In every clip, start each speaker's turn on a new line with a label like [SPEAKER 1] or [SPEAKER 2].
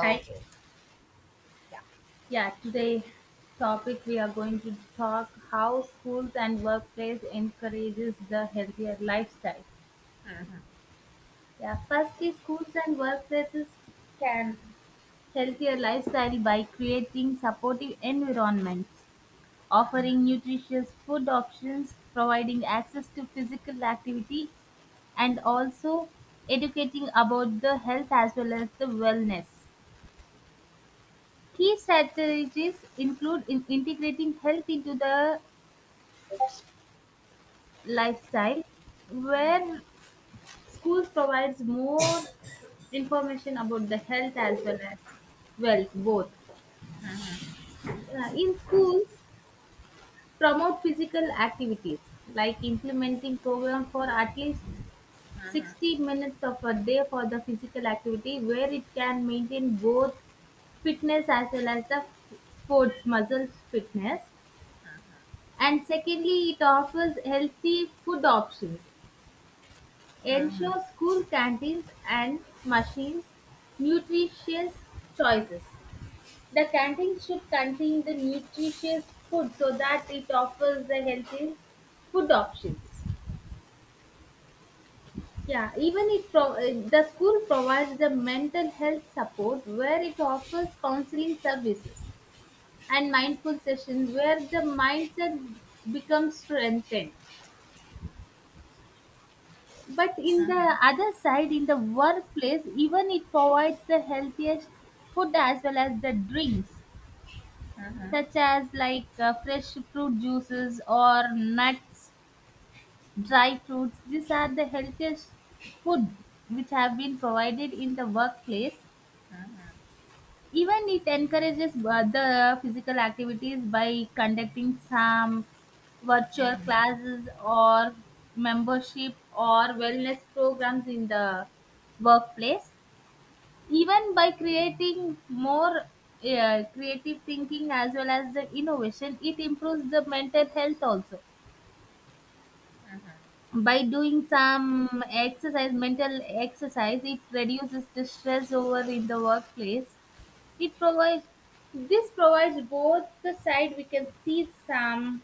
[SPEAKER 1] Hi.
[SPEAKER 2] Yeah.
[SPEAKER 1] Yeah, today topic we are going to talk how schools and workplace encourages the healthier lifestyle. Yeah, firstly schools and workplaces can healthier lifestyle by creating supportive environments, offering nutritious food options, providing access to physical activity and also educating about the health as well as the wellness. Key strategies include in integrating health into the lifestyle, where schools provides more information about the health as well as wealth both. In schools, promote physical activities like implementing program for at least 60 minutes of a day for the physical activity, where it can maintain both fitness as well as the sports muscles fitness. And secondly, it offers healthy food options, ensures school canteens and machines nutritious choices. The canteen should contain the nutritious food so that it offers the healthy food options. Yeah, even the school provides the mental health support where it offers counseling services and mindful sessions where the mindset becomes strengthened. But in
[SPEAKER 2] Mm-hmm,
[SPEAKER 1] the other side, in the workplace, even it provides the healthiest food as well as the drinks,
[SPEAKER 2] mm-hmm,
[SPEAKER 1] such as like fresh fruit juices or nuts, dry fruits. These are the healthiest food which have been provided in the workplace. Even it encourages other physical activities by conducting some virtual
[SPEAKER 2] mm-hmm.
[SPEAKER 1] classes or membership or wellness programs in the workplace. Even by creating more creative thinking as well as the innovation, it improves the mental health also by doing some exercise mental exercise it reduces the stress over in the workplace it provides this provides both the side we can see some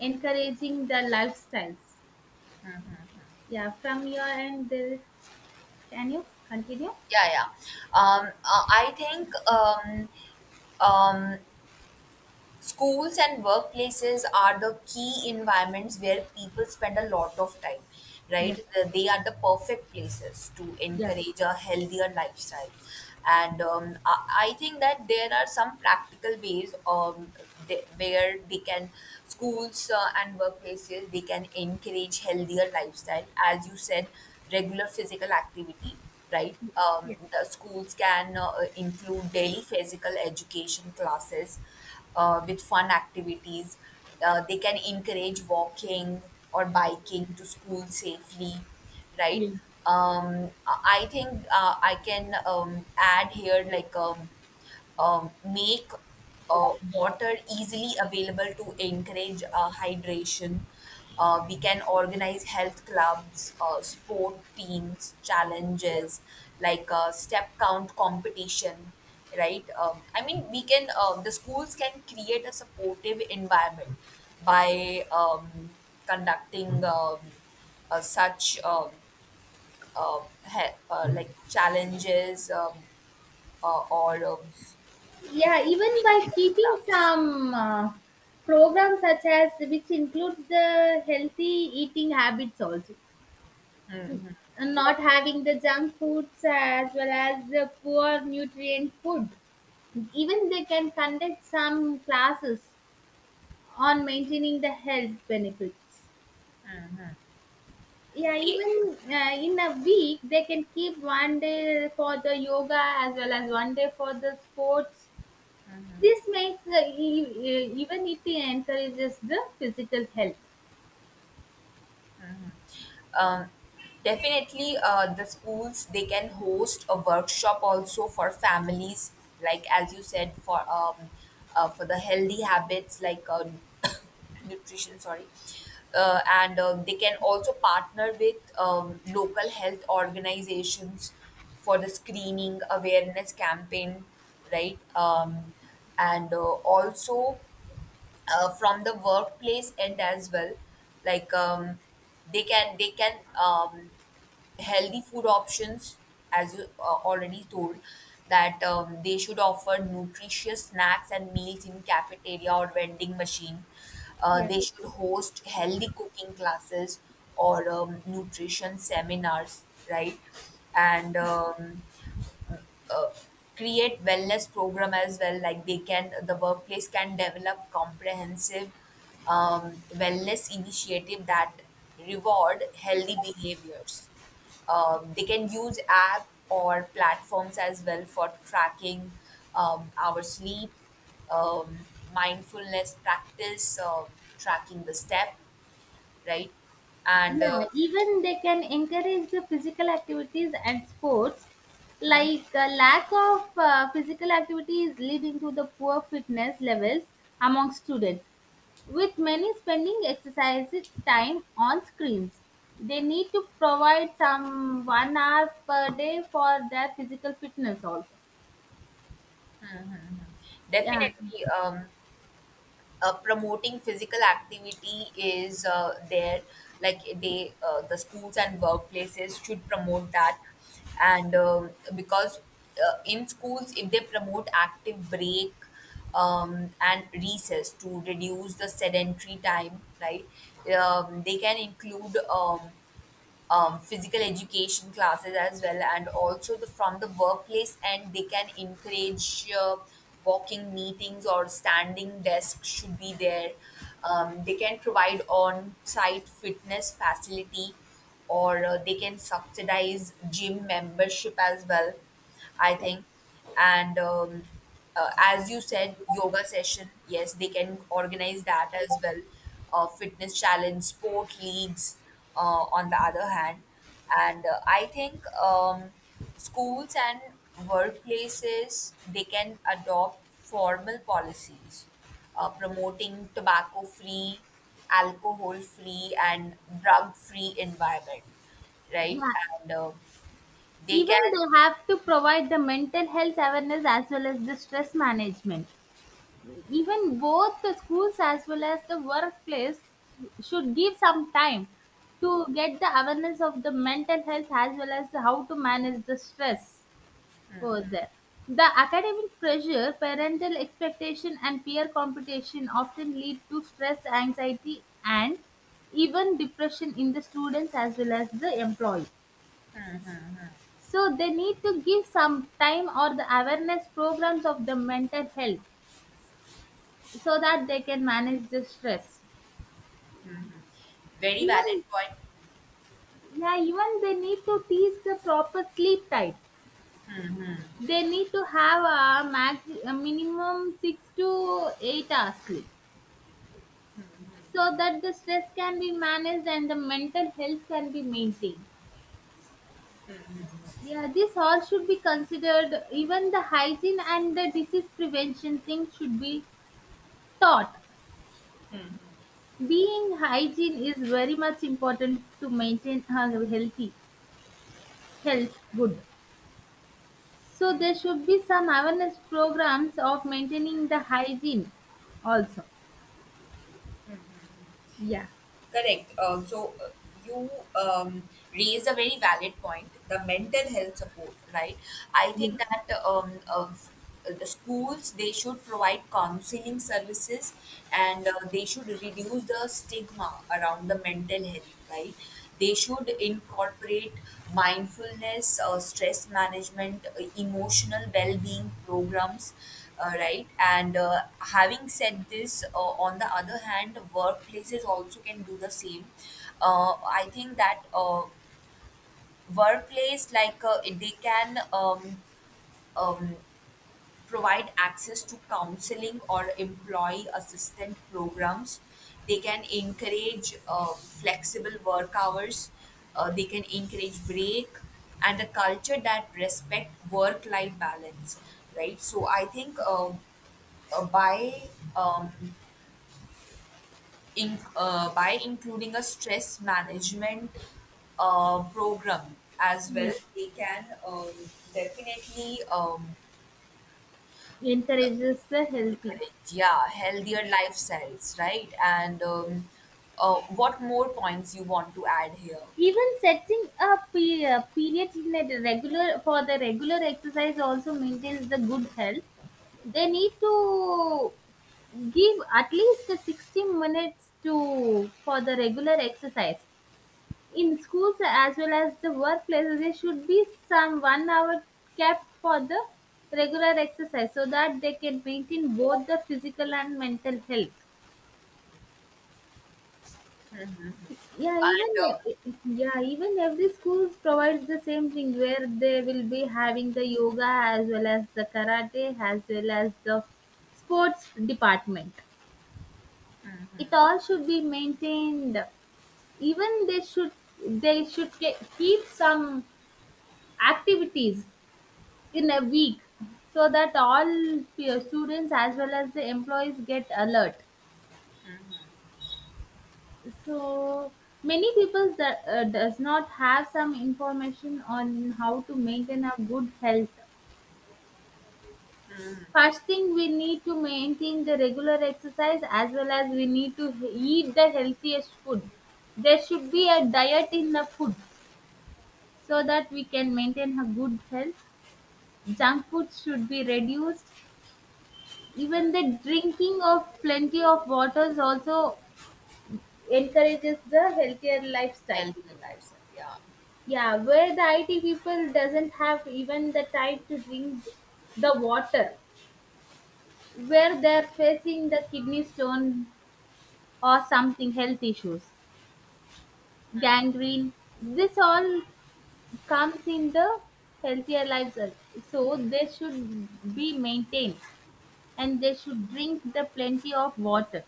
[SPEAKER 1] encouraging the lifestyles. Yeah, from your end, there, can you continue?
[SPEAKER 2] Yeah. Yeah. I think um, schools and workplaces are the key environments where people spend a lot of time,
[SPEAKER 1] Yeah,
[SPEAKER 2] right? They are the perfect places to
[SPEAKER 1] yeah,
[SPEAKER 2] encourage a healthier lifestyle. And I think that there are some practical ways where they can, schools and workplaces, they can encourage healthier lifestyle. As you said, regular physical activity, right?
[SPEAKER 1] yes,
[SPEAKER 2] The schools can include daily physical education classes with fun activities. They can encourage walking or biking to school safely, right?
[SPEAKER 1] yeah.
[SPEAKER 2] I think I can add here make water easily available to encourage hydration. We can organize health clubs, sport teams, challenges like step count competition, right? I mean, we can, the schools can create a supportive environment by conducting uh, such um, uh, like challenges or
[SPEAKER 1] Yeah, even
[SPEAKER 2] creating
[SPEAKER 1] by
[SPEAKER 2] health
[SPEAKER 1] keeping
[SPEAKER 2] clubs.
[SPEAKER 1] some programs such as which includes the healthy eating habits also, and not having the junk foods as well as the poor nutrient food. Even they can conduct some classes on maintaining the health benefits. Yeah,
[SPEAKER 2] They
[SPEAKER 1] even in a week, they can keep one day for the yoga as well as one day for the sports. This makes even it encourages the physical health.
[SPEAKER 2] um, Definitely the schools they can host a workshop also for families, like as you said for the healthy habits like nutrition. Sorry, and they can also partner with local health organizations for the screening awareness campaign, right? And Also from the workplace end as well like they can healthy food options as you already told that they should offer nutritious snacks and meals in cafeteria or vending machine.
[SPEAKER 1] Yeah.
[SPEAKER 2] They should host healthy cooking classes or nutrition seminars, right. and uh, Create wellness program as well, like the workplace can develop comprehensive wellness initiative that reward healthy behaviors. They can use app or platforms as well for tracking our sleep, um, mindfulness practice, tracking the step, right. and
[SPEAKER 1] Yeah, even they can encourage the physical activities and sports. Like lack of physical activity is leading to the poor fitness levels among students. With many spending exercises time on screens, they need to provide some 1 hour per day for their physical fitness also. Yeah,
[SPEAKER 2] Definitely promoting physical activity is there, like the schools and workplaces should promote that. And Because in schools, if they promote active break and recess to reduce the sedentary time, right. They can include physical education classes as well, and also the from the workplace, and they can encourage walking meetings or standing desk should be there. They can provide on-site fitness facility, or they can subsidize gym membership as well, I think. And As you said, yoga session, yes, they can organize that as well. Fitness challenge, sport leagues, on the other hand. And I think schools and workplaces, they can adopt formal policies promoting tobacco free, alcohol free, and drug free environment, right?
[SPEAKER 1] yeah.
[SPEAKER 2] And They
[SPEAKER 1] Even
[SPEAKER 2] can
[SPEAKER 1] they have to provide the mental health awareness as well as the stress management. Even both the schools as well as the workplace should give some time to get the awareness of the mental health as well as how to manage the stress. Further, the academic pressure, parental expectation, and peer competition often lead to stress, anxiety, and even depression in the students as well as the employee. So they need to give some time or the awareness programs of the mental health so that they can manage the stress.
[SPEAKER 2] very valid
[SPEAKER 1] Even
[SPEAKER 2] point.
[SPEAKER 1] yeah, even they need to teach the proper sleep time. They need to have a max a minimum 6 to 8 hours sleep so that the stress can be managed and the mental health can be maintained. Yeah, this all should be considered, even the hygiene and the disease prevention thing should be taught. Being hygiene is very much important to maintain a healthy health good. So there should be some awareness programs of maintaining the hygiene also. Yeah,
[SPEAKER 2] Correct. So you raised a very valid point, the mental health support, right? I
[SPEAKER 1] yeah,
[SPEAKER 2] think that of the schools they should provide counseling services, and they should reduce the stigma around the mental health, right? They should incorporate mindfulness, stress management, emotional well-being programs, right? And having said this, on the other hand, workplaces also can do the same. I think that workplace, like they can. Um, Provide access to counseling or employee assistant programs. They can encourage flexible work hours. They can encourage break and a culture that respect work-life balance, right? So I think by um, by including a stress management program as well,
[SPEAKER 1] yeah,
[SPEAKER 2] they can definitely
[SPEAKER 1] encourages the healthy.
[SPEAKER 2] yeah, healthier lifestyles, right. and What more points you want to add here?
[SPEAKER 1] Even setting a period in a regular for the regular exercise also maintains the good health. They need to give at least 60 minutes to for the regular exercise in schools as well as the workplaces. There should be some 1 hour kept for the regular exercise so that they can maintain both the physical and mental health. Yeah,
[SPEAKER 2] And
[SPEAKER 1] even e, e, yeah, even every school provides the same thing where they will be having the yoga as well as the karate as well as the sports department. It all should be maintained. Even they should keep some activities in a week so that all students as well as the employees get alert. So many people that does not have some information on how to maintain a good health. First thing we need to maintain the regular exercise as well as we need to eat the healthiest food. There should be a diet in the food so that we can maintain a good health. Junk food should be reduced. Even the drinking of plenty of waters also encourages the healthier lifestyle.
[SPEAKER 2] Healthier lifestyle, yeah,
[SPEAKER 1] Yeah, where the IT people doesn't have even the time to drink the water, where they're facing the kidney stone or something health issues, gangrene. This all comes in the healthier lifestyle. So they should be maintained and they should drink the plenty of water.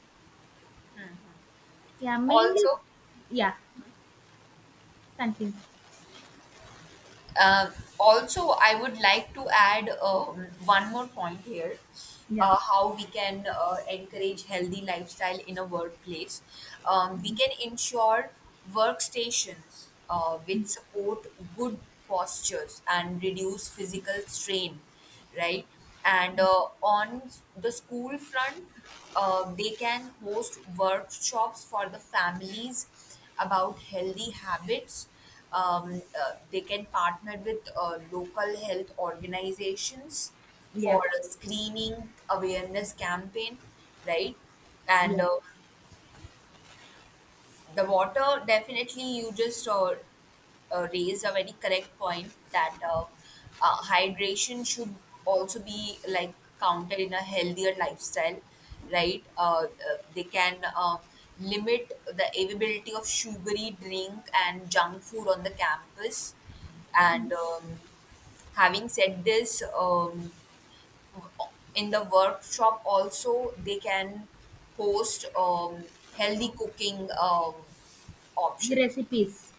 [SPEAKER 1] Yeah, mainly.
[SPEAKER 2] also.
[SPEAKER 1] Yeah, continue.
[SPEAKER 2] Uh, Also, I would like to add one more point here.
[SPEAKER 1] Yeah,
[SPEAKER 2] How we can encourage healthy lifestyle in a workplace. We can ensure workstations which support good postures and reduce physical strain, right? And on the school front, they can host workshops for the families about healthy habits. They can partner with local health organizations for
[SPEAKER 1] yeah,
[SPEAKER 2] a screening awareness campaign, right? And
[SPEAKER 1] yeah.
[SPEAKER 2] The water, definitely, you just raised a very correct point that hydration should also be like counted in a healthier lifestyle, right. They can limit the availability of sugary drink and junk food on the campus. And Having said this, in the workshop also they can host healthy cooking options,
[SPEAKER 1] Recipes.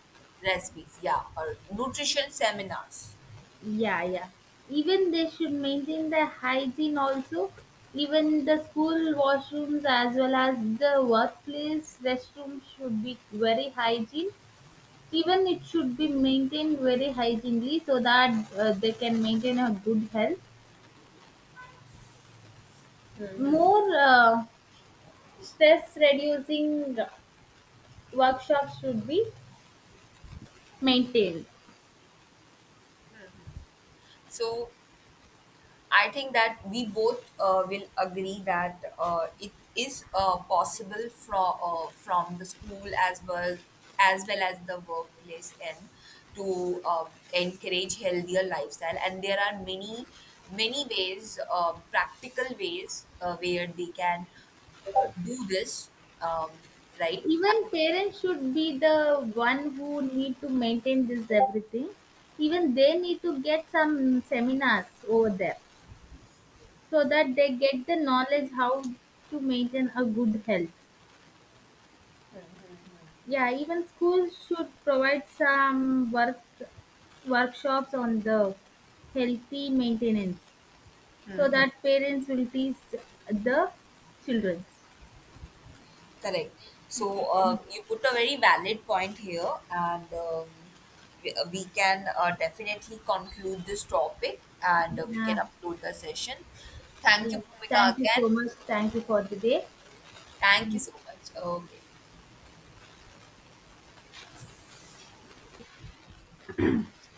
[SPEAKER 2] recipes, yeah, or nutrition seminars.
[SPEAKER 1] Yeah, yeah. Even they should maintain the hygiene also. Even the school washrooms as well as the workplace restroom should be very hygiene. Even it should be maintained very hygienely so that they can maintain a good health. More stress reducing workshops should be maintained.
[SPEAKER 2] So I think that we both will agree that it is possible from the school as well as well as the workplace end to encourage healthier lifestyle, and there are many many ways, practical ways where they can do this, um, right.
[SPEAKER 1] Even parents should be the one who need to maintain this everything. Even they need to get some seminars over there so that they get the knowledge how to maintain a good health. Yeah, even schools should provide some workshops on the healthy maintenance so that parents will teach the children.
[SPEAKER 2] Correct. So you put a very valid point here, and we can definitely conclude this topic, and we can
[SPEAKER 1] Yeah,
[SPEAKER 2] upload the session. Thank you,
[SPEAKER 1] yeah.
[SPEAKER 2] Bhumika,
[SPEAKER 1] Thank you
[SPEAKER 2] again.
[SPEAKER 1] so much, thank you for the day
[SPEAKER 2] Thank you
[SPEAKER 1] and
[SPEAKER 2] so much. Okay.